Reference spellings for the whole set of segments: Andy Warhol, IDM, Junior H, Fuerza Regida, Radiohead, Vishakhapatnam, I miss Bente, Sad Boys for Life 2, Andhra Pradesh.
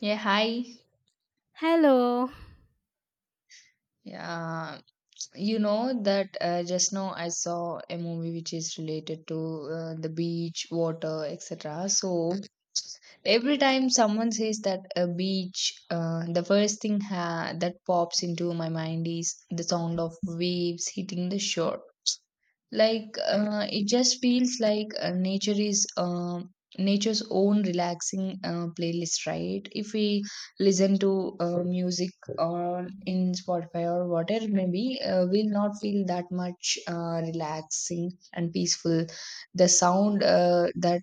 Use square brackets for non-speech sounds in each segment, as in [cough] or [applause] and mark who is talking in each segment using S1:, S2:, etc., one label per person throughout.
S1: Yeah, hi.
S2: Hello.
S1: Yeah, you know that just now I saw a movie which is related to the beach, water, etc. So every time someone says that a beach, the first thing that pops into my mind is the sound of waves hitting the shore. It just feels like nature is nature's own relaxing playlist, right? If we listen to music or in Spotify or whatever, maybe we'll not feel that much relaxing and peaceful. The sound that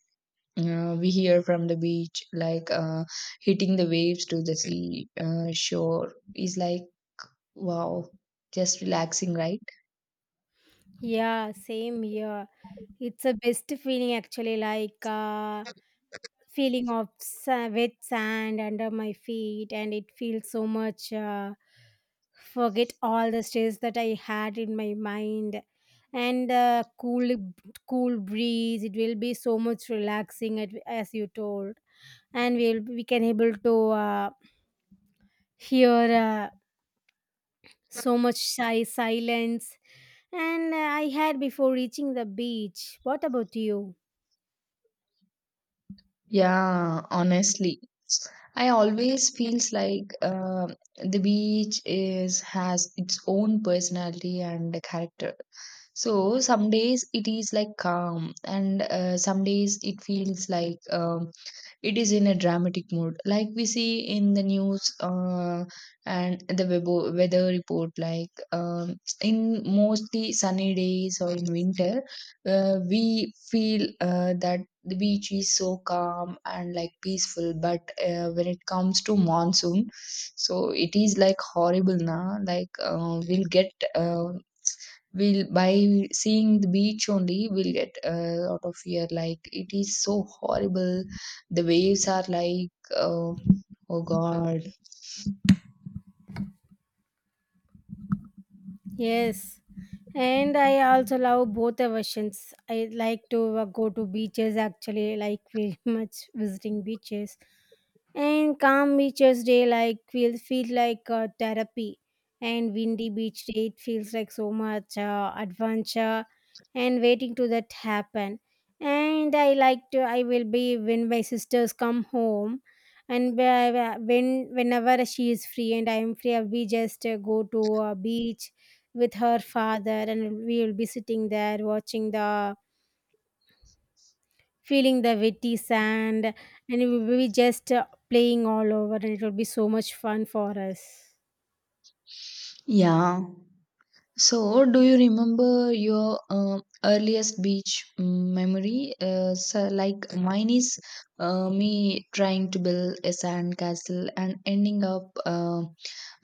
S1: we hear from the beach, like hitting the waves to the sea shore is like, wow, just relaxing, right?
S2: Yeah, same here. It's a best feeling actually, like feeling of wet sand under my feet, and it feels so much. Forget all the stress that I had in my mind, and cool, cool breeze. It will be so much relaxing, as you told, and we can able to hear so much shy silence and I had before reaching the beach. What about you?
S1: Yeah, honestly. I always feels like the beach is has its own personality and character. So some days it is like calm, and some days it feels like, it is in a dramatic mood, like we see in the news and the weather report. Like in mostly sunny days or in winter, we feel that the beach is so calm and like peaceful, but when it comes to monsoon, so it is like horrible now. Like we'll get we'll by seeing the beach only, we'll get out of here. Like, it is so horrible. The waves are like, uh, oh God.
S2: Yes, and I also love both the versions. I like to go to beaches actually, like very [laughs] much visiting beaches. And calm beaches day like will feel like therapy. And windy beach day it feels like so much adventure and waiting to that happen. And I like to I will be when my sisters come home and when whenever she is free and I am free I'll be just go to a beach with her father, and we will be sitting there watching the feeling the wetty sand, and we will be just playing all over, and it will be so much fun for us.
S1: Yeah. So, do you remember your earliest beach memory? So like mine is me trying to build a sand castle and ending up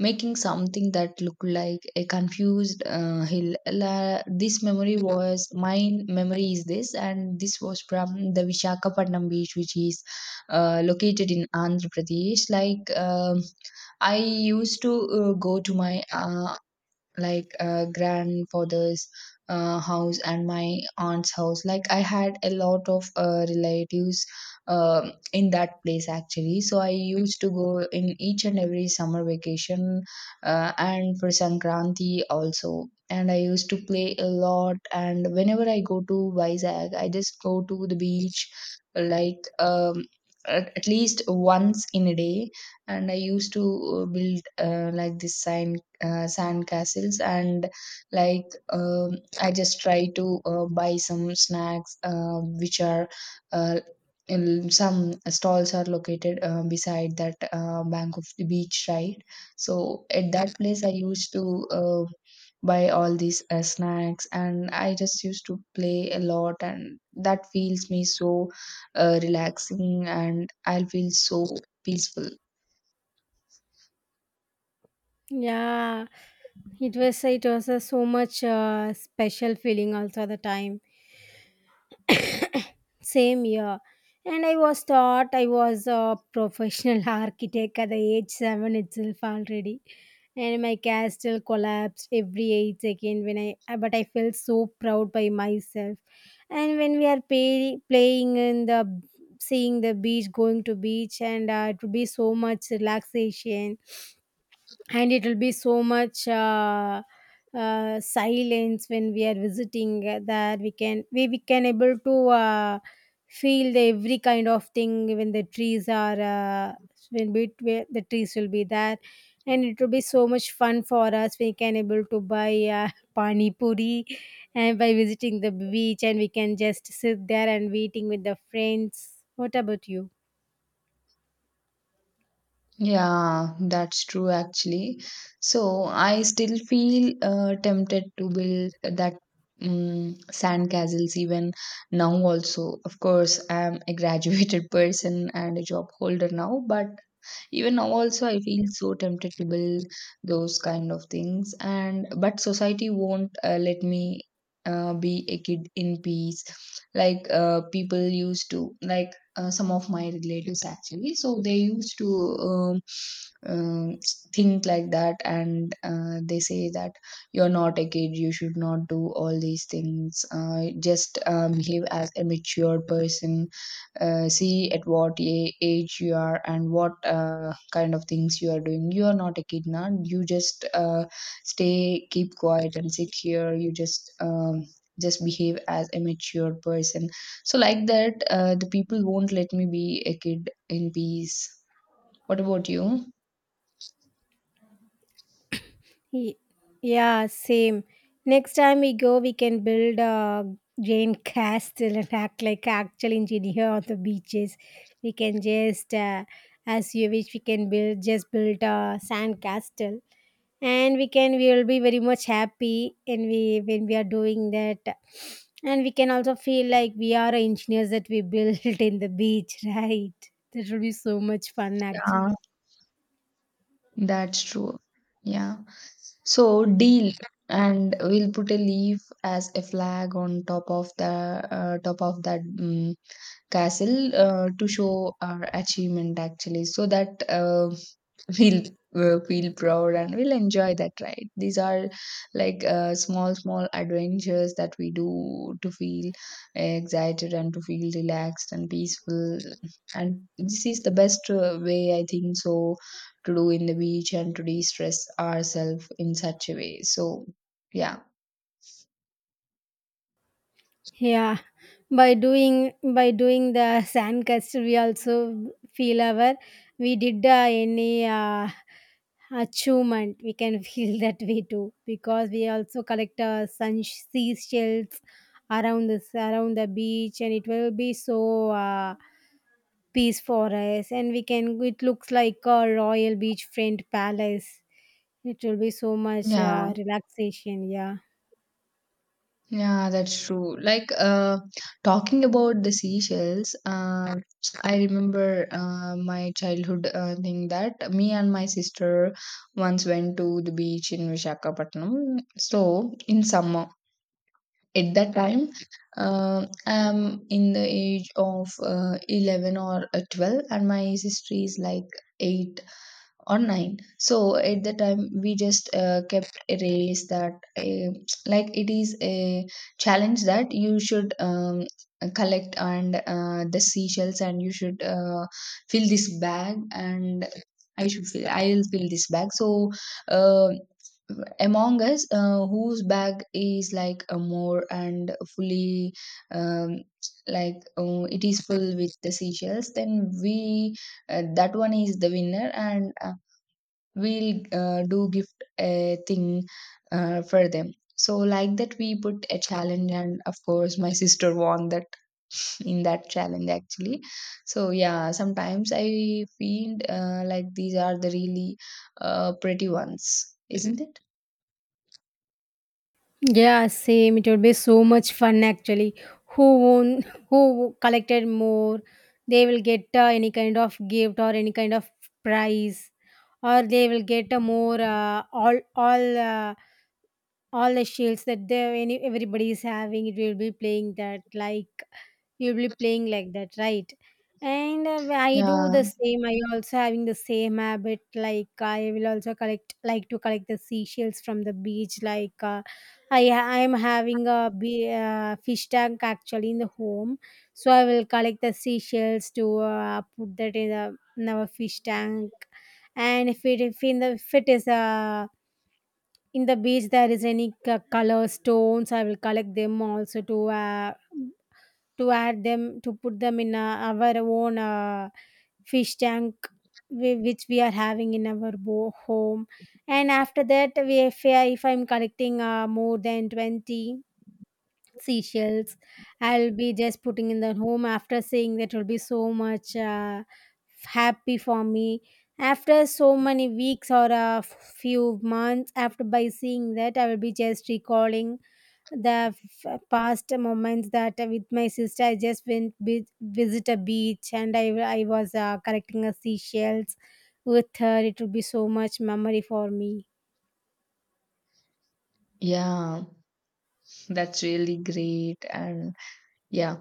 S1: making something that looked like a confused hill. This memory was mine. Memory is this, and this was from the Vishakhapatnam beach, which is located in Andhra Pradesh. Like. I used to go to my grandfather's house and my aunt's house. Like, I had a lot of relatives in that place, actually. So I used to go in each and every summer vacation, and for Sankranti also. And I used to play a lot, and whenever I go to Vizag, I just go to the beach, like at least once in a day. And I used to build like this sign sand castles and like, um, I just try to buy some snacks which are uh, in some stalls, are located beside that bank of the beach, right? So at that place I used to buy all these snacks and I just used to play a lot, and that feels me so relaxing, and I'll feel so peaceful.
S2: Yeah, it was a so much special feeling also at the time. Same year. And I was a professional [laughs] architect at the age seven itself already. And my castle collapsed every 8 seconds when but I felt so proud by myself. And when we are playing in the, seeing the beach, going to beach, and it would be so much relaxation, and it will be so much silence when we are visiting that we can able to feel the every kind of thing when the trees are when bit where the trees will be there, and it will be so much fun for us. We can able to buy [laughs] pani puri and by visiting the beach, and we can just sit there and waiting with the friends. What about you?
S1: Yeah, that's true, actually. So I still feel tempted to build that sand castles even now also. Of course, I'm a graduated [laughs] person and a job holder now, but even now also I feel so tempted to build those kind of things. And but society won't let me be a kid in peace. Like people used to, some of my relatives actually, so they used to um, um, think like that. And they say that you're not a kid, you should not do all these things. Just behave as a mature person. See at what age you are and what kind of things you are doing. You are not a kid now, you just stay, keep quiet and sit here. You just behave as a mature person. So like that, the people won't let me be a kid in peace. What about you?
S2: Ye- Yeah, same. Next time we go, we can build a giant castle and act like actual engineer on the beaches. We can just, as you wish, we can build just build a sand castle, and we will be very much happy, and we when we are doing that, and we can also feel like we are engineers that we built [laughs] in the beach, right? That will be so much fun,
S1: Yeah,
S2: actually.
S1: that's true. Yeah, so deal. And we'll put a leaf as a flag on top of the top of that, castle, to show our achievement, actually. So that [laughs] we'll feel proud and we'll enjoy that, right? These are like small, small adventures that we do to feel excited and to feel relaxed and peaceful. And this is the best way, I think so, to do in the beach and to de-stress ourselves in such a way. So, yeah.
S2: Yeah, by doing the sandcastle, we also feel our we did any achievement. We can feel [laughs] that way too because we also collect sun seashells around the beach, and it will be so peace for us. And we can it looks like a royal beachfront palace. It will be so much
S1: Yeah.
S2: relaxation. Yeah.
S1: Yeah, that's true. Talking about the seashells, I remember my childhood thing that me and my sister once went to the beach in Vishakhapatnam. So in summer, at that time, I'm in the age of 11 or 12, and my sister is like 8 online. So at the time we just kept a race that uh, like it is a challenge that you should collect and the seashells, and you should fill this bag, and I'll fill this bag. So uh, among us whose bag is like a more and fully, um, it is full with the seashells, then we that one is the winner, and we'll do gift a thing for them. So like that, we put a challenge, and of course my sister won that in that challenge, actually. So yeah, sometimes I feel like these are the really pretty ones. Isn't it?
S2: Yeah, same. It would be so much fun actually. Who won? Who collected more? They will get any kind of gift or any kind of prize, or they will get a more all. All the shields that they any everybody is having it will be playing that like you'll be playing like that, right? And I do
S1: Yeah,
S2: the same. I also having the same habit, like I will also collect like to collect the seashells from the beach like I am having a fish tank actually in the home. So I will collect the seashells to put that in our fish tank. And if in the if it is in the beach there is any color stones, I will collect them also to add them to put them in our own fish tank which we are having in our home. And after that we if, if I'm collecting more than 20 seashells, I'll be just putting in the home. After seeing that, will be so much happy for me. After so many weeks or a few months after, by seeing that I will be just recalling the past moments that with my sister I just visit a beach, and I was collecting a seashells with her. It will be so much memory for me.
S1: yeah, that's really great. And yeah.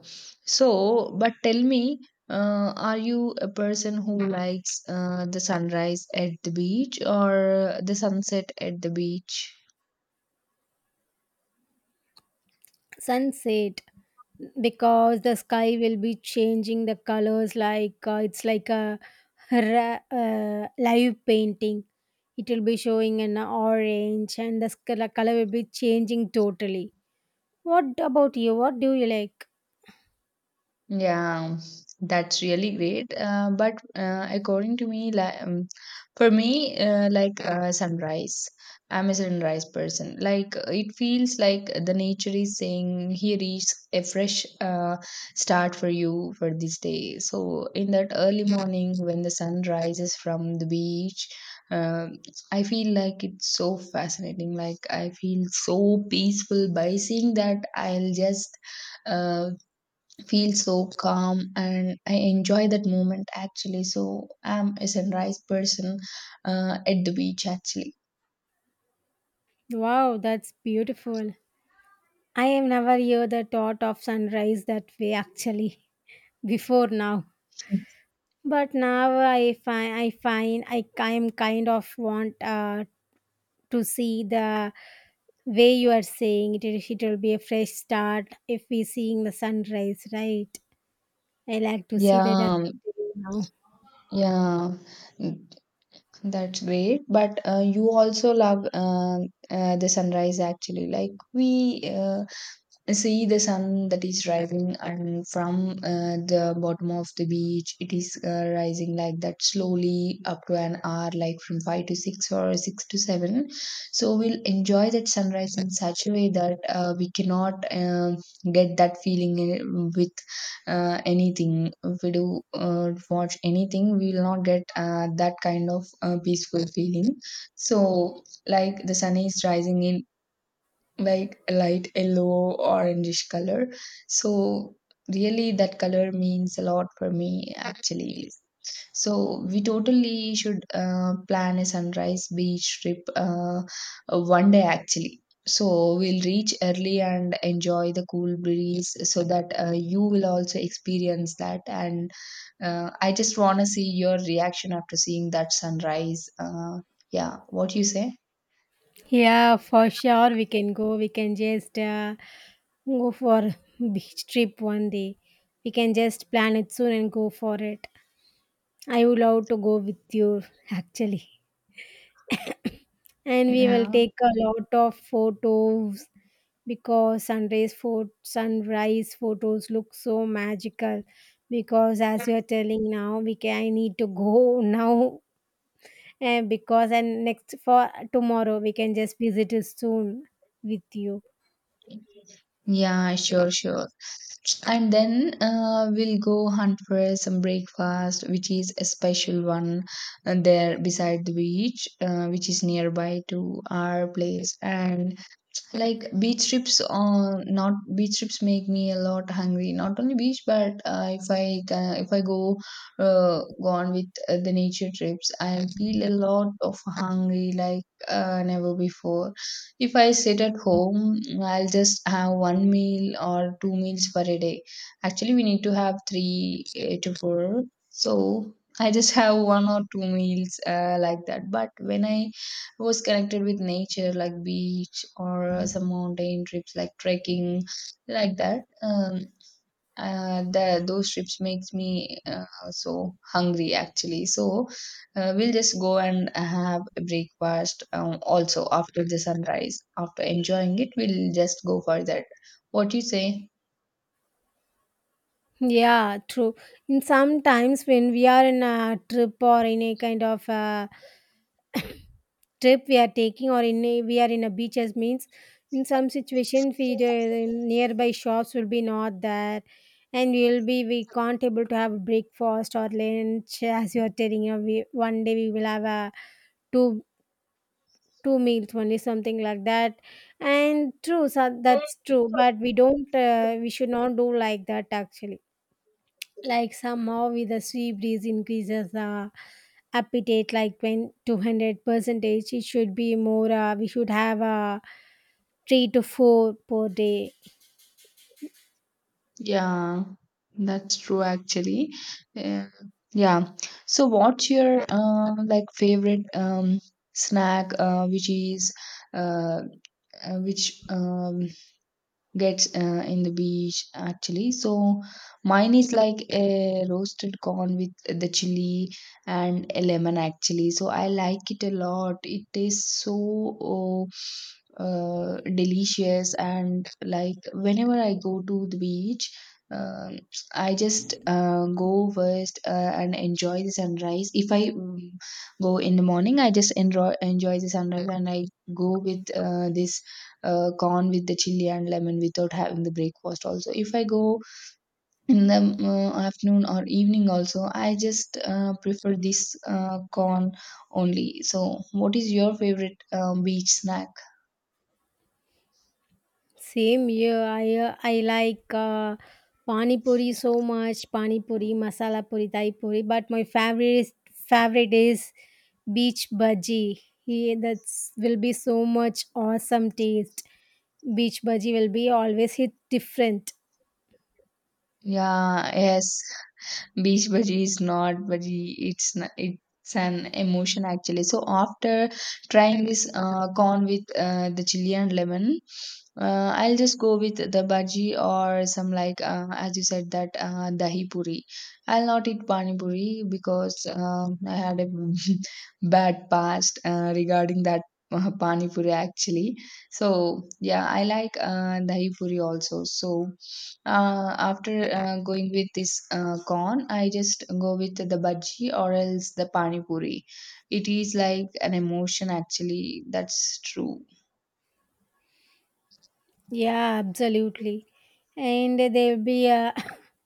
S1: So, but tell me, are you a person who likes the sunrise at the beach or the sunset at the beach?
S2: Sunset, because the sky will be changing the colors, like it's like a live painting. It will be showing an orange, and the color will be changing totally. What about you? What do you like?
S1: Yeah, that's really great. But according to me, like, for me, sunrise, I'm a sunrise person. Like it feels like the nature is saying, "Here is a fresh start for you for this day." So in that early morning, when the sun rises from the beach, um I feel like it's so fascinating. Like, I feel so peaceful by seeing that. I'll just uh, feel so calm, and I enjoy that moment, actually. So I'm a sunrise person at the beach, actually.
S2: Wow, that's beautiful. I have never heard the thought of sunrise that way actually [laughs] before now. But now I am kind of want to see the way you are saying it, it will be a fresh start if we seeing the sunrise, right? I like to see that as
S1: Yeah,
S2: now.
S1: yeah, mm, that's great. But you also love the sunrise, actually. Like, we see the sun that is rising, and from the bottom of the beach it is rising like that slowly up to an hour, like from 5 to 6 or 6 to 7. So we'll enjoy that sunrise in such a way that we cannot get that feeling with anything. If we do watch anything, we will not get that kind of peaceful feeling. So like, the sun is rising in like a light yellow orangish color. So really that color means a lot for me, actually. So we totally should plan a sunrise beach trip, one day, actually. So we'll reach early and enjoy the cool breeze so that you will also experience that. And I just want to see your reaction after seeing that sunrise. Yeah, what you say?
S2: Yeah, for sure we can go. We can just go for beach trip one day. We can just plan it soon and go for it. I would love to go with you actually. And we will
S1: Yeah,
S2: take a lot of photos because sunrise photos look so magical. Because as you are telling now, we can I need to go [laughs] now. And because and next for tomorrow we can just visit it soon with you.
S1: yeah sure. And then we'll go hunt for some breakfast, which is a special one there beside the beach, which is nearby to our place. And like, beach trips on not beach trips, make me a lot hungry. Not only beach, but if I go go on with the nature trips, I feel a lot of hungry, like never before. If I sit at home, I'll just have one meal or two meals for a day. Actually, we need to have three to four. So I just have one or two meals like that. But when I was connected with nature, like beach or some mountain trips like trekking, like that, those trips makes me so hungry, actually. So we'll just go and have a breakfast, also, after the sunrise, after enjoying it, we'll just go for that. What do you say?
S2: Yeah, true. In sometimes when we are in a trip or in a kind of a [coughs] trip we are taking, or we are in a beaches means in some situation, we the nearby shops will be not there. And we will be we can't able to have breakfast or lunch. As you are telling you one day we will have a two two meals only, something like that. And true so that's true. But we don't we should not do like that actually. Like somehow with the sweet breeze increases the appetite like 20, 200 percentage. It should be more we should have a three to four per day.
S1: Yeah, that's true, actually. Uh, yeah. So what's your like favorite snack which is uh, which gets in the beach, actually? So mine is like a roasted corn with the chili and a lemon, actually. So I like it a lot. It tastes so, oh, delicious. And like, whenever I go to the beach, um, I just go first and enjoy the sunrise. If I go in the morning, I just enjoy the sunrise, and I go with this corn with the chili and lemon, without having the breakfast also. If I go in the afternoon or evening also, I just prefer this corn only. So what is your favorite, beach snack?
S2: Same here. I like pani puri so much. Pani puri, masala puri, thai puri, but favorite is beach bhaji. He that will be so much awesome taste. Beach bhaji will be always hit different.
S1: Yeah, yes, beach bhaji is not bhaji, it's it's an emotion, actually. So after trying this corn with the chili and lemon, I'll just go with the bhaji or some, like as you said that, dahi puri. I'll not eat pani puri because I had a [laughs] bad past regarding that pani puri, actually. So yeah, I like dahi puri also. So after going with this corn, I just go with the bhaji or else the pani puri. It is like an emotion, actually. That's true.
S2: Yeah, absolutely. And there'll be a [laughs]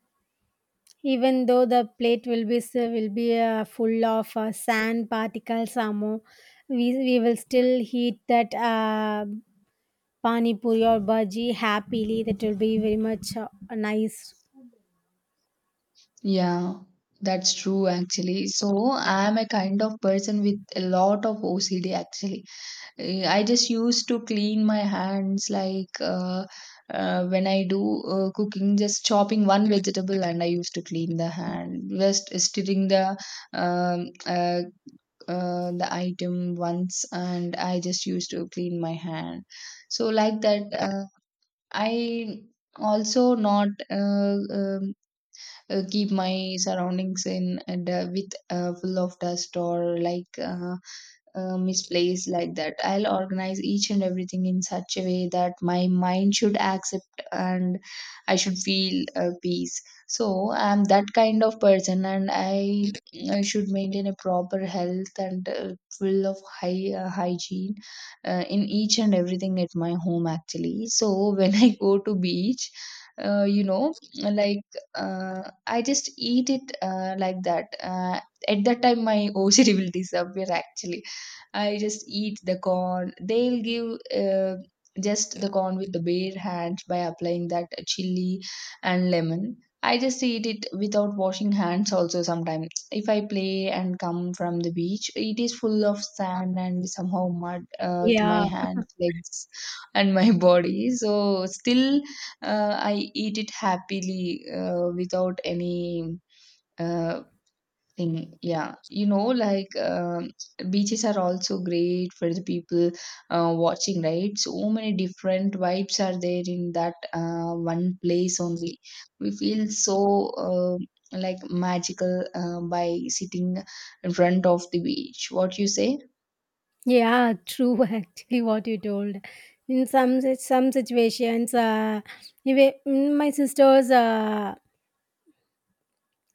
S2: [coughs] even though the plate will be will be full of sand particles or more, we will still eat that pani puri or bhaji happily. That will be very much nice.
S1: Yeah, that's true, actually. So I'm a kind of person with a lot of OCD, actually. I just used to clean my hands like when I do cooking, just chopping one vegetable, and I used to clean the hand, just stirring um, uh, the item once, and I just used to clean my hand. So like that, I also not keep my surroundings in and, with full of dust or like misplaced like that. I'll organize each and everything in such a way that my mind should accept, and I should feel peace. So I'm that kind of person, and I should maintain a proper health and full of high hygiene in each and everything at my home, actually. So when [laughs] I go to beach, uh, you know, like I just eat it like that. At that time, my [laughs] OCD will disappear, actually. I just eat the corn. They'll give just the corn with the bare hands by applying that chili and lemon. I just eat it without washing hands also sometimes. If I play and come from the beach, it is full of sand and somehow mud to my
S2: Yeah,
S1: hands, legs, and my [laughs] body. So still, I eat it happily without any. Uh, Thing. yeah you know like um, Beaches are also great for the people watching, right? So many different vibes are there in that one place only. We feel so uh, like magical by sitting in front of the beach. What you say?
S2: yeah, true. [laughs] Actually, what you told. In some some situations, my sister's.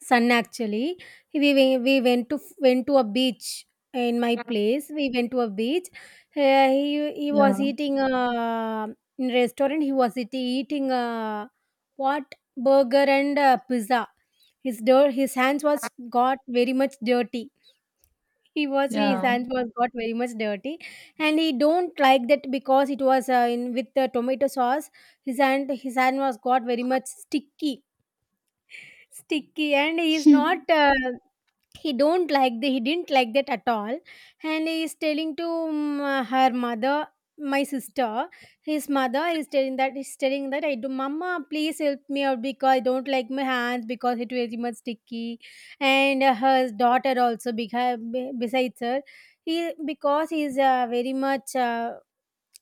S2: Sun actually. We went to a beach in my place. We went to a beach. He
S1: yeah
S2: was eating in restaurant. He was eating what burger and pizza. His dirt. His hands was got very much dirty. He was his
S1: yeah
S2: hands was got very much dirty, and he don't like that because it was in with the tomato sauce. His hand was got very much sticky, sticky, and he is not
S1: [laughs]
S2: he don't like the he didn't like that at all. And he is telling to her mother, my sister. His mother is telling that I do, mama, please help me out because I don't like my hands because it very much sticky. And her daughter also besides her he, because he is very much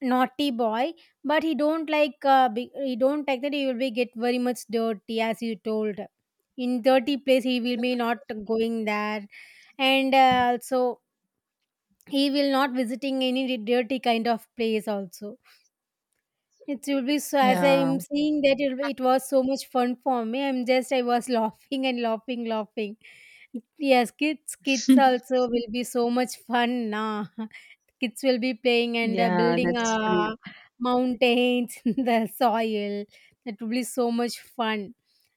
S2: naughty boy. But he don't like he don't like that he will be get very much dirty. As you told, in dirty place he will be not going there. And also he will not visiting any dirty kind of place also. It will be so as
S1: yeah
S2: I'm seeing that it was so much fun for me. I was [laughs] laughing and laughing. Yes, kids, kids
S1: [laughs]
S2: also will be so much fun nah. Kids will be playing and
S1: yeah
S2: building
S1: that's true
S2: mountains [laughs] in the soil. That will be so much fun.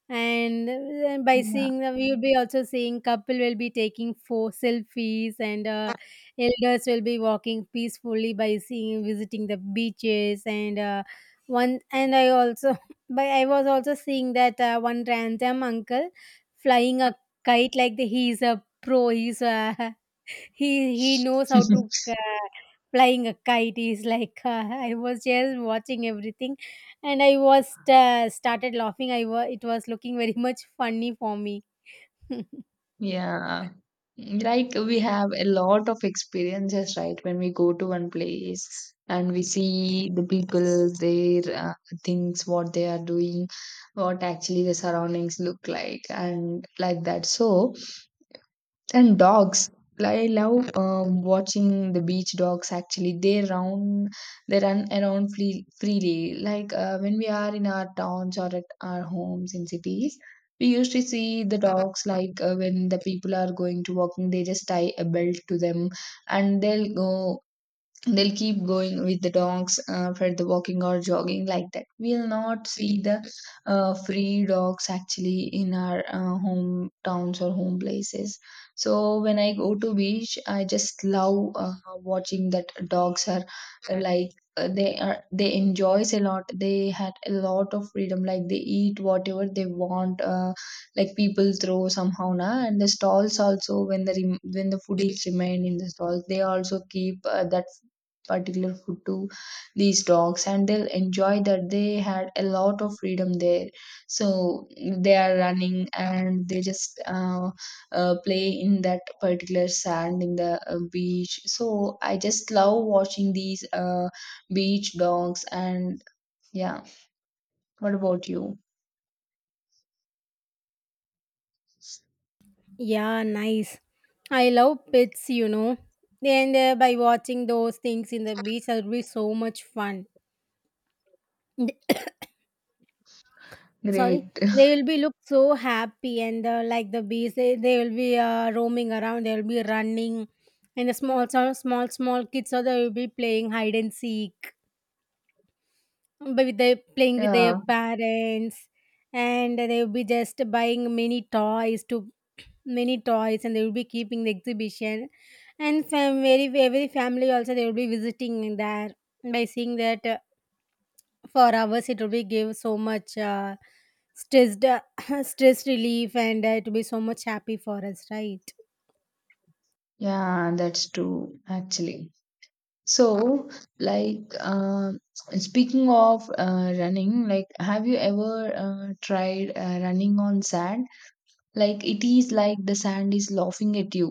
S2: And by
S1: yeah
S2: seeing, we will be also seeing couple will be taking four selfies, and elders will be walking peacefully by seeing visiting the beaches. And and I also, [laughs] by I was also seeing that one random uncle flying a kite like the, he's a pro. He's a [laughs] he knows how to
S1: [laughs]
S2: uh, flying a kite is [laughs] like I was just watching everything and I was started laughing it was looking very [laughs] much funny for me. [laughs]
S1: Yeah. Like we have a lot of experiences, right? When we go to one place and we see the people, their uh, things, what they are doing, what actually the surroundings look like, and like that. So, and dogs. I love watching the beach dogs, actually. They run around freely. Like when we are in our towns or at our homes in cities, we used to see the dogs like when the people are going to walking, they just tie a belt to them, and they'll keep going with the dogs for the walking or jogging. Like that, we'll not see the free dogs, actually, in our hometowns or home places. So when I go to beach, I just love watching that dogs are uh, like they are, they enjoys a lot. They had a lot of freedom, like they eat whatever they want, people throw somehow na, and the stalls also, when the when the foodies remain in the stalls, they also keep that particular food to these dogs, and they'll enjoy that. They had a lot of freedom there. So they are running and they just play in that particular sand in the beach. So I just love watching these beach dogs. And yeah, what about you?
S2: Yeah, nice. I love pets, you know, and by watching those things in the beach that will be so much fun. Th- sorry,
S1: Great.
S2: they will be look so happy and like the bees they will be roaming around, they will be running, and the small small small kids. So they will be playing hide and seek, but with their
S1: [laughs]
S2: playing with their
S1: yeah
S2: parents, and they will be just buying many toys to [clears throat] many toys, and they will be keeping the exhibition. And fam- very every family also they will be visiting there, by seeing that for hours it will be give so much stressed [coughs] [clears throat] stress relief, and it will be so much happy for us, right?
S1: yeah that's true, actually. So, like, speaking of running, like, have you ever tried running on sand? Like, it is like the sand is laughing at you.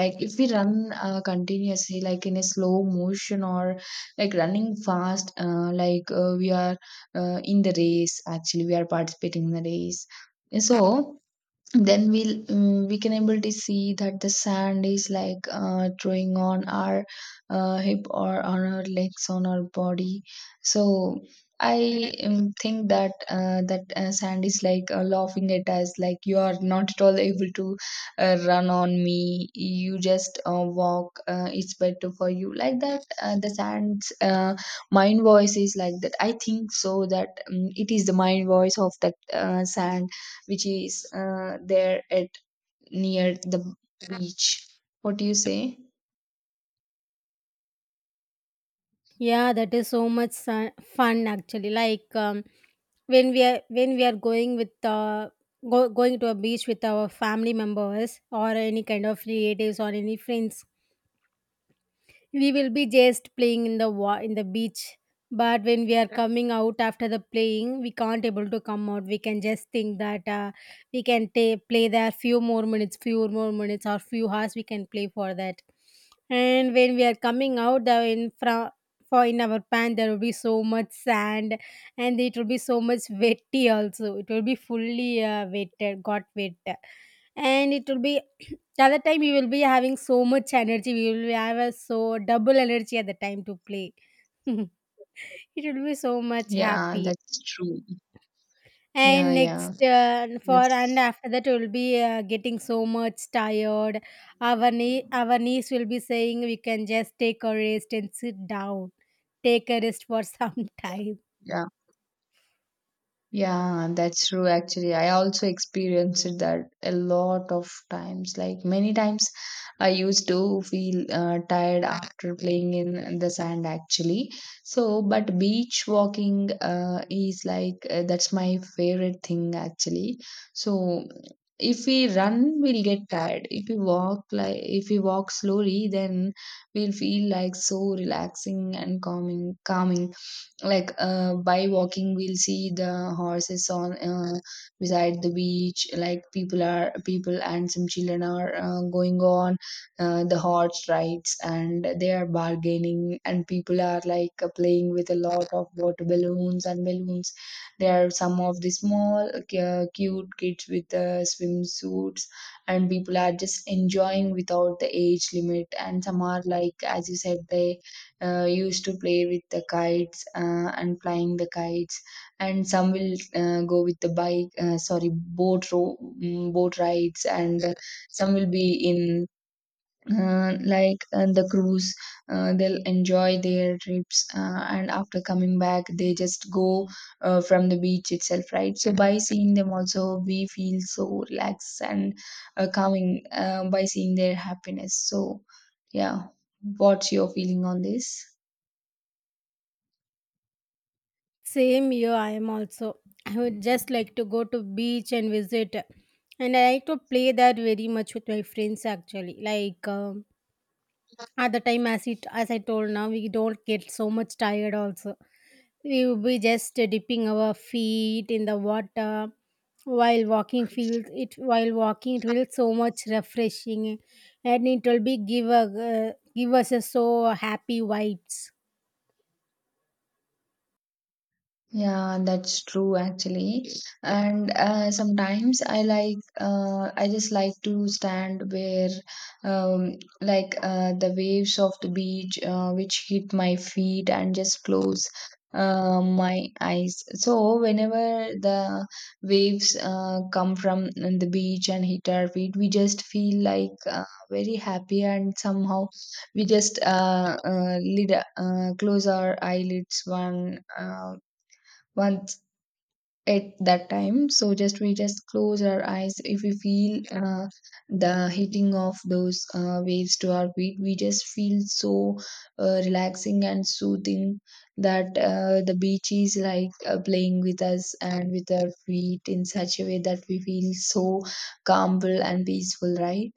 S1: Like, if we run continuously, like in a slow motion or like running fast, we are in the race, actually. We are participating in the race. So, then we'll we can able to see that the sand is like drawing on our hip or on our legs, on our body. So I think that sand is like laughing at us like, you are not at all able to run on me, you just walk, it's better for you. Like that, the sand's mind voice is like that, I think. So that it is the mind voice of that sand which is there at near the beach. What do you say?
S2: Yeah, that is so much su- fun actually. Like when we are going with go, going to a beach with our family members or any kind of relatives or any friends, we will be just playing in the wa- in the beach, but when we are coming out after the playing we can't able to come out, we can just think that we can ta- play there few more minutes or few hours we can play for that, and when we are coming out the in front for in our pan there will be so much sand, and it will be so much wetty also, it will be fully wet, got wet, and it will be the other time we will be having so much energy. We will be have a so double energy at the time to play. [laughs] It will be so much
S1: Yeah,
S2: happy.
S1: that's true. Yeah,
S2: And next
S1: yeah.
S2: for and
S1: That's
S2: after that we will be getting so much tired. Our knee, our niece will be saying we can just take a rest and sit down. Take a rest for [laughs] some time.
S1: yeah. Yeah, that's true. Actually, I also experienced that a lot of times. Like many times, I used to feel tired after playing in the sand, actually. So, but beach walking is like that's my favorite thing, actually. So, if we run, we'll get tired. If we walk, like if we walk slowly, then we'll feel like so relaxing and calming, like by walking, we'll see the horses on beside the beach. Like people and some children are going on the horse rides, and they are bargaining, and people are like playing with a lot of water balloons and balloons. There are some of the small cute kids with swimsuits, and people are just enjoying without the age limit, and some are like, as you said, they used to play with the kites and flying the kites. And some will go with the bike sorry boat boat rides, and some will be in the cruise. They'll enjoy their trips, and after coming back, they just go from the beach itself, right? So by seeing them also, we feel so relaxed and calming, by seeing their happiness. So yeah, what's your feeling on this?
S2: Same here, I am also. I would just like to go to beach and visit, and I like to play that very much with my friends actually. Like at the time, as it as I told now, we don't get so much tired. Also, we will be just dipping our feet in the water while walking. Feels it while walking, it will so much refreshing, and it will be give a give us a so happy vibes.
S1: Yeah, that's true, actually. And sometimes I like I just like to stand where um, the waves of the beach which hit my feet, and just close my eyes. So whenever the waves come from the beach and hit our feet, we just feel like very happy, and somehow we just lid close our eyelids one once at that time. So just, we just close our eyes. If we feel the hitting of those waves to our feet, we just feel so relaxing and soothing, that the beach is like playing with us and with our feet in such a way that we feel so calmful and peaceful, right?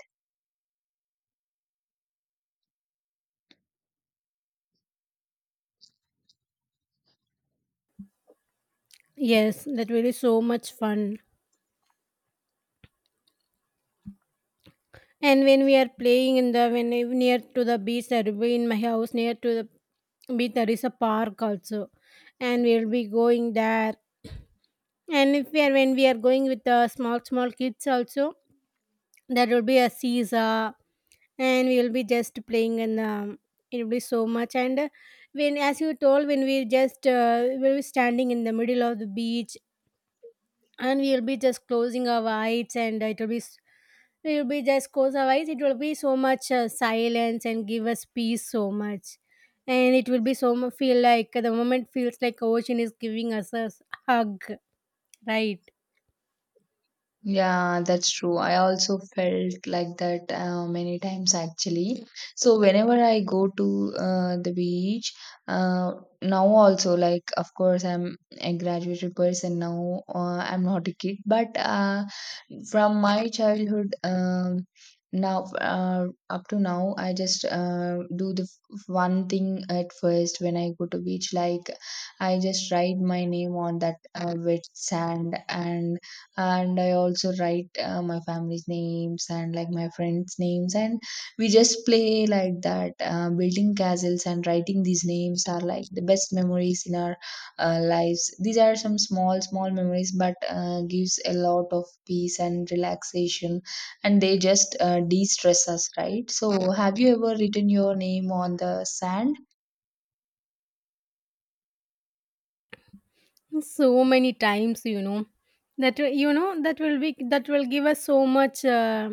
S2: Yes, that will be so much fun. And when we are playing in the when we- near to the beach, there will be in my house near to the beach there is a park also, and we will be going there. And if we are when we are going with the small small kids also, there will be a seesaw, and we will be just playing and it will be so much. And when as you told, when we just we will be standing in the middle of the beach, and we will be just closing our eyes, and it will be s- we will be just close our eyes. It will be so much silence and give us peace so much. And it will be so mu- feel like the moment feels like ocean is giving us a s- hug, right?
S1: Yeah, that's true. I also felt like that many times, actually. So whenever I go to the beach, uh, now also, like, of course I'm a graduated person now. I'm not a kid, but from my childhood, now up to now, I just do the one thing at first when I go to beach. Like, I just write my name on that wet sand, and I also write my family's names and like my friends names, and we just play like that, building castles and writing these names are like the best memories in our lives. These are some small small memories, but gives a lot of peace and relaxation, and they just de-stress us, right? So have you ever written your name on the sand?
S2: So many times, you know, that that will be that will give us so much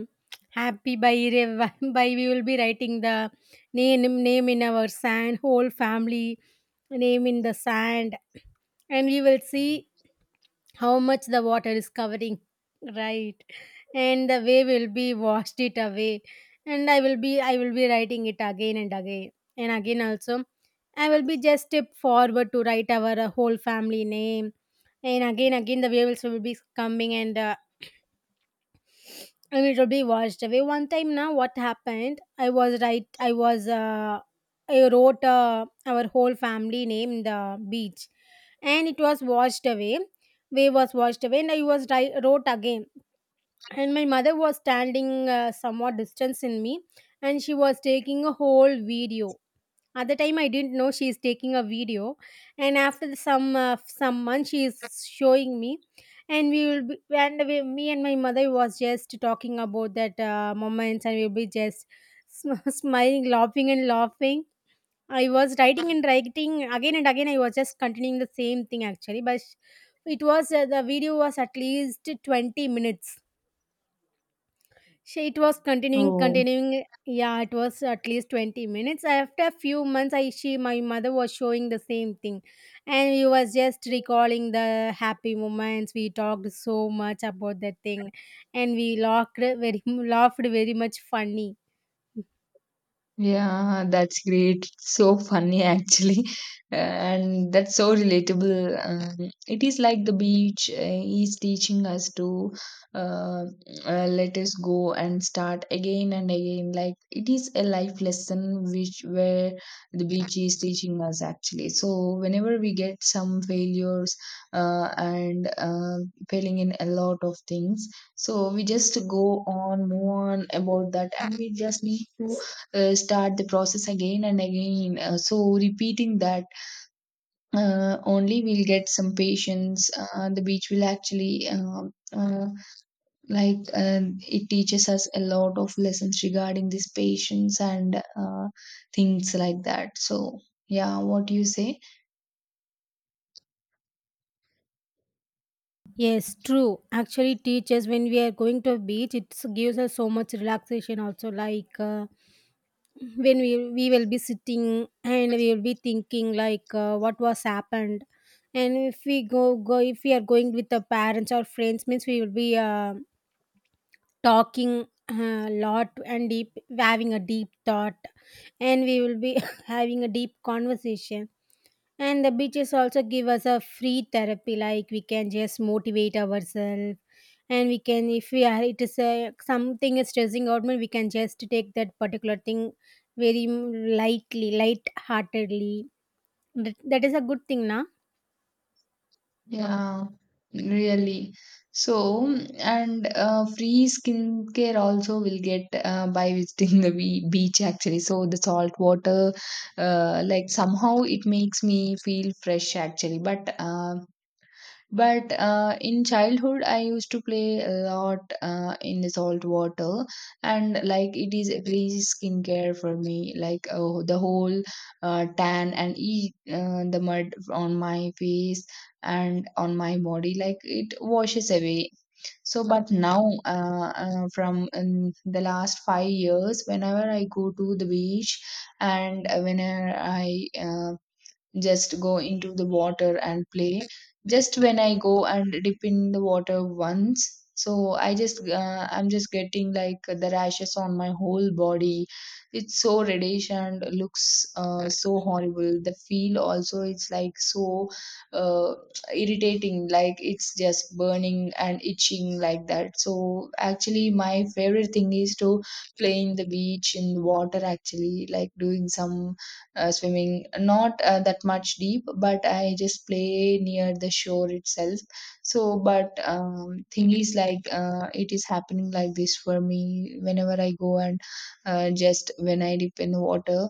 S2: happy by re- [laughs] by we will be writing the name name in our sand whole family name in the sand, and we will see how much the water is covering, right? And the wave will be washed it away, and I will be writing it again and again, and again also I will be just step forward to write our whole family name, and again again the waves will be coming and and it will be washed away. One time now what happened, I was I wrote our whole family name in the beach, and it was washed away, wave was washed away, and wrote again, and my mother was standing somewhat distance in me, and she was taking a whole video. At the time, I didn't know she is taking a video, and after the- some months, she is showing me, and we will be, and we, me and my mother was just talking about that moments, and we'll be just sm- [laughs] smiling, laughing, and laughing. I was writing and writing again and again. I was just continuing the same thing actually, but it was the video was at least 20 minutes, she it was continuing,
S1: Oh.
S2: continuing. Yeah, it was at least 20 minutes. After a few months, I she my mother was showing the same thing, and we was just recalling the happy moments. We talked so much about that thing, and we laughed very [laughs] laughed very much funny.
S1: Yeah, that's great. It's so funny, actually. [laughs] And that's so relatable. It is like the beach is teaching us to uh, let us go and start again and again. Like, it is a life lesson which where the beach is teaching us, actually. So whenever we get some failures and failing in a lot of things, so we just go on, move on about that, and we just need to start the process again and again. So repeating that only, we'll get some patience. The beach will actually like uh, it teaches us a lot of lessons regarding this patience and things like that. So yeah, what do you say?
S2: Yes, true. Actually, teachers, when we are going to a beach, it gives us so much relaxation. Also, like when we will be sitting and we will be thinking like what was happened, and if we are going with the parents or friends means we will be talking a lot and deep, having a deep thought, and we will be [laughs] having a deep conversation, and the beaches also give us a free therapy, like we can just motivate ourselves. And we can, if we are, it is a, something is stressing out, me, we can just take that particular thing very lightly, light heartedly. That, that is a good thing, na?
S1: Yeah, really. So, and free skincare also will get by visiting the beach, actually. So, the salt water, like somehow it makes me feel fresh, actually. But in childhood, I used to play a lot in the salt water, and like it is a greasy skincare for me. Like the whole tan and e the mud on my face and on my body, like it washes away. So, but now, from the last 5 years, whenever I go to the beach and whenever I just go into the water and play. Just when I go and dip in the water once, so I just I'm just getting like the rashes on my whole body. It's so reddish and looks so horrible. The feel also, it's like so uh, irritating. Like it's just burning and itching like that. So actually, my favorite thing is to play in the beach in the water actually, like doing some swimming, not that much deep, but I just play near the shore itself. So but thing is like it is happening like this for me whenever I go and just when I dip in the water,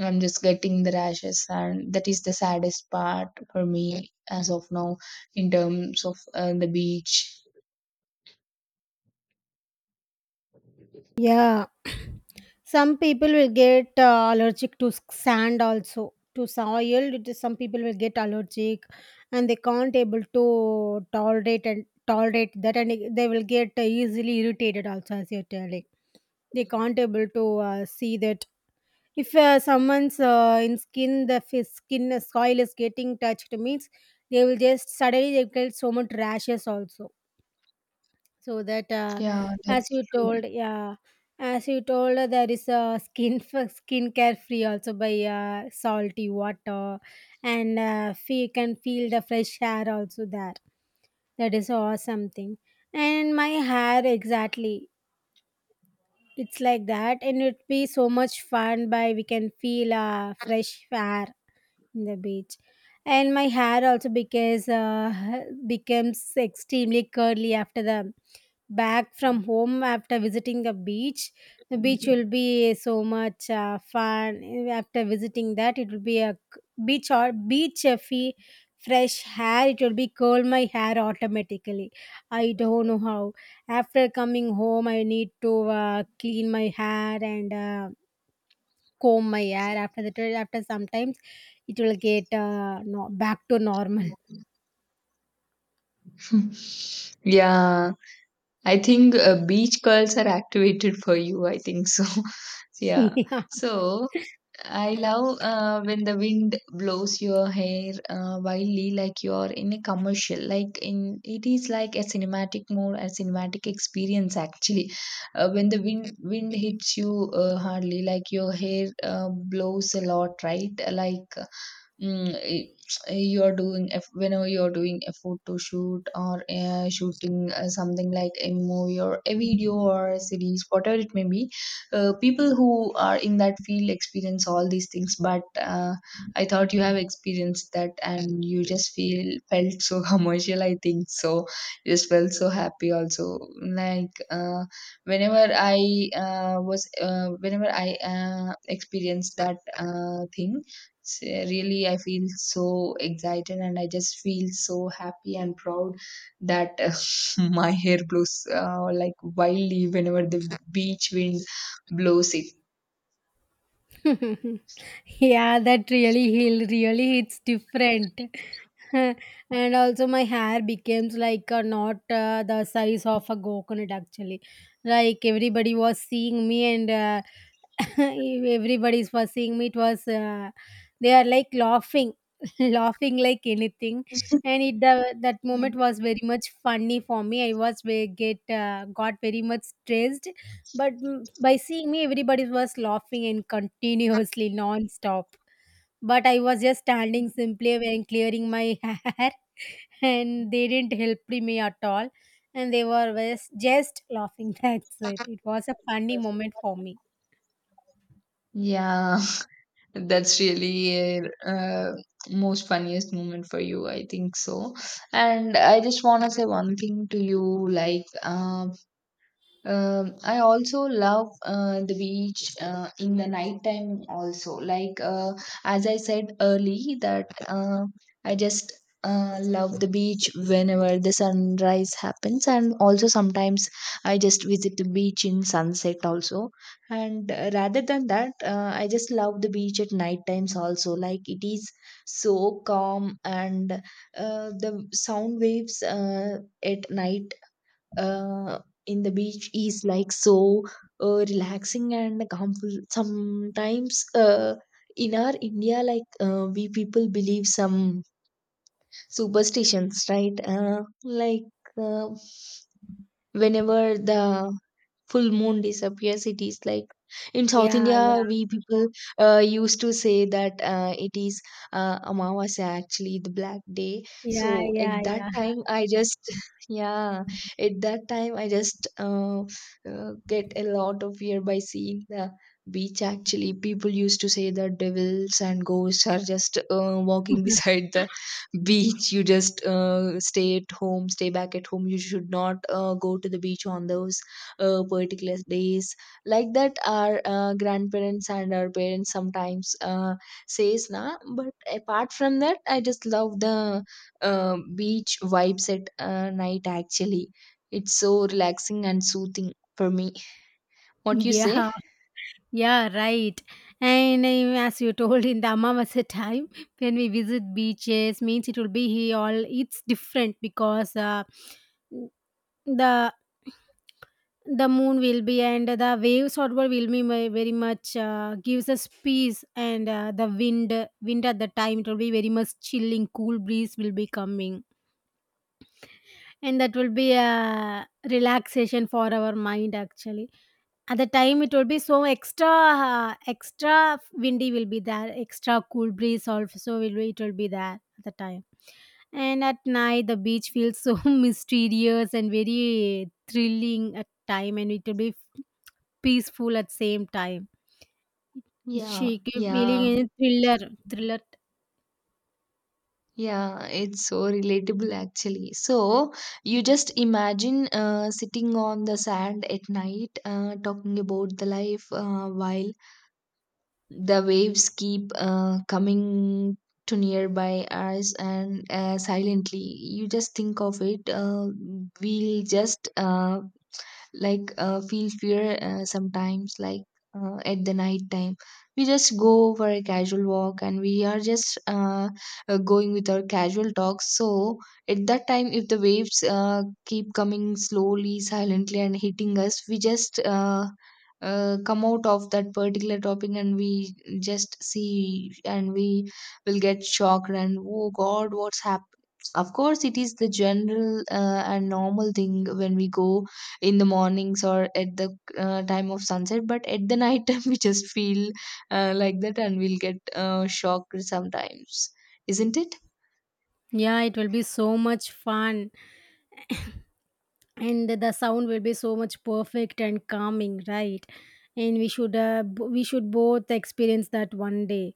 S1: I'm just getting the rashes, and that is the saddest part for me as of now, in terms of the beach.
S2: Yeah, [clears throat] some people will get allergic to s- sand also to soil. It is some people will get allergic, and they can't able to tolerate and tolerate that, and it- they will get easily irritated also. As you're telling, they can't able to see that. If someone's in skin, the f- skin soil is getting touched means they will just suddenly they get so much rashes also so that
S1: Yeah,
S2: as
S1: that's
S2: you
S1: true.
S2: told, yeah, as you told, there is a skin f- skincare free also by salty water, and fe- you can feel the fresh hair also there. That is awesome thing. And my hair exactly, it's like that, and it'd be so much fun by we can feel fresh hair in the beach. And my hair also because becomes extremely curly after the back from home after visiting the beach. The beach will be so much fun after visiting that. It will be a c- beach or beach fee, fresh hair, it will be curl my hair automatically. I don't know how. After coming home I need to clean my hair and comb my hair. After that, after sometimes it will get no, back to normal.
S1: [laughs] Yeah, I think beach curls are activated for you, I think so. [laughs] Yeah.
S2: [laughs]
S1: So I love when the wind blows your hair wildly, like you are in a commercial. Like in it is like a cinematic mode, a cinematic experience actually. When the wind hits you hardly, like your hair blows a lot, right? Mm, eh, you're doing, if whenever you're doing a photo shoot or shooting something like a movie or a video or a series, whatever it may be. Uh, people who are in that field experience all these things, but I thought you have experienced that, and you just feel felt so [laughs] commercial, I think so. You just felt so happy also. Like whenever I experienced that thing, really I feel so excited, and I just feel so happy and proud that [laughs] my hair blows like wildly whenever the beach wind blows it.
S2: [laughs] Yeah, that really healed. Really, it's different. [laughs] And also, my hair becomes like not the size of a coconut. Actually, like everybody was seeing me, and [laughs] everybody was seeing me. It was they are like laughing, [laughs] laughing like anything, and it the, that moment was very much funny for me. I was ve- get got very much stressed, but by seeing me, everybody was laughing and continuously, [laughs] non-stop. But I was just standing simply and clearing my [laughs] hair, and they didn't help me at all. And they were just laughing. [laughs] That's it. It was a funny moment for me.
S1: Yeah. [laughs] That's really uh, most funniest moment for you, I think so. And I just want to say one thing to you, like I also love the beach in the nighttime also. Like as I said early, that I just love the beach whenever the sunrise happens, and also sometimes I just visit the beach in sunset also. And rather than that, I just love the beach at night times also. Like it is so calm, and the sound waves at night uh, in the beach is like so relaxing and calmful. Sometimes in our India, like we people believe some superstitions, right? Uh, like uh, whenever the full moon disappears, it is like, in South
S2: Yeah,
S1: India,
S2: yeah,
S1: we people used to say that it is amavasya, actually the black day. So
S2: yeah,
S1: at
S2: yeah,
S1: that
S2: yeah.
S1: time I just [laughs] yeah, at that time I just get a lot of fear by seeing the beach. Actually, people used to say that devils and ghosts are just walking [laughs]
S2: [laughs]
S1: beside the beach. You just stay at home, stay back at home, you should not go to the beach on those particular days, like that our grandparents and our parents sometimes says na. But apart from that, I just love the uh, beach vibes at night actually. It's so relaxing and soothing for me. What you say?
S2: Yeah, yeah, right. And as you told in the Amavasya time, when we visit beaches, means it will be here all. It's different because The the moon will be and the waves or what will be my- very much gives us peace and the wind at the time it will be very much chilling cool breeze will be coming, and that will be a relaxation for our mind actually. At the time it will be so extra extra windy will be there, extra cool breeze also will be, it will be there at the time. And at night the beach feels so [laughs] mysterious and very thrilling at time, and it will be peaceful at same time.
S1: Yeah,
S2: She keep
S1: yeah,
S2: feeling in thriller, thriller.
S1: yeah, it's so relatable actually. So you just imagine sitting on the sand at night, talking about the life while the waves keep coming to nearby us and silently. You just think of it. We'll just like feel fear sometimes, like at the night time we just go for a casual walk and we are just going with our casual talks. So at that time if the waves keep coming slowly, silently and hitting us, we just come out of that particular topic and we just see, and we will get shocked, and oh god, what's happened. Of course, it is the general and normal thing when we go in the mornings or at the time of sunset, but at the night time [laughs] we just feel like that, and we'll get shocked sometimes, isn't it?
S2: Yeah, it will be so much fun, and the sound will be so much perfect and calming, right? And we should b- we should both experience that one day,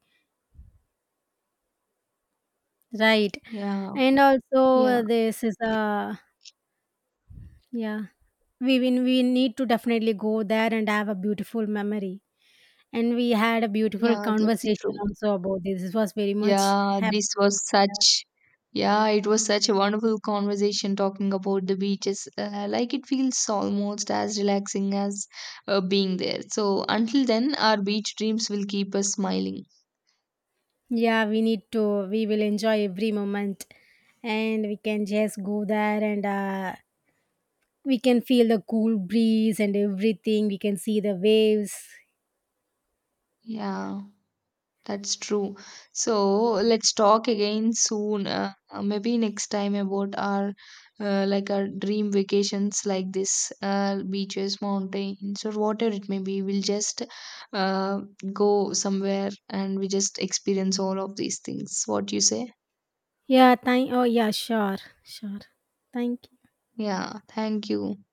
S2: right?
S1: Yeah.
S2: And also,
S1: Yeah.
S2: this is a yeah. We need to definitely go there and have a beautiful memory. And we had a beautiful
S1: Yeah, that's
S2: conversation
S1: true.
S2: also about this. This was very much
S1: Yeah,
S2: happy.
S1: this was
S2: Yeah.
S1: such, yeah, it was such a wonderful conversation talking about the beaches. Uh, like it feels almost as relaxing as being there. So until then, our beach dreams will keep us smiling.
S2: Yeah, we need to. We will enjoy every moment, and we can just go there and we can feel the cool breeze and everything. We can see the waves.
S1: Yeah. That's true. So let's talk again soon. Maybe next time about our like our dream vacations, like this, beaches, mountains, or whatever it may be. We'll just uh, go somewhere and we just experience all of these things. What you say?
S2: Yeah, thank. Oh, yeah, sure, sure. Thank you.
S1: Yeah. Thank you.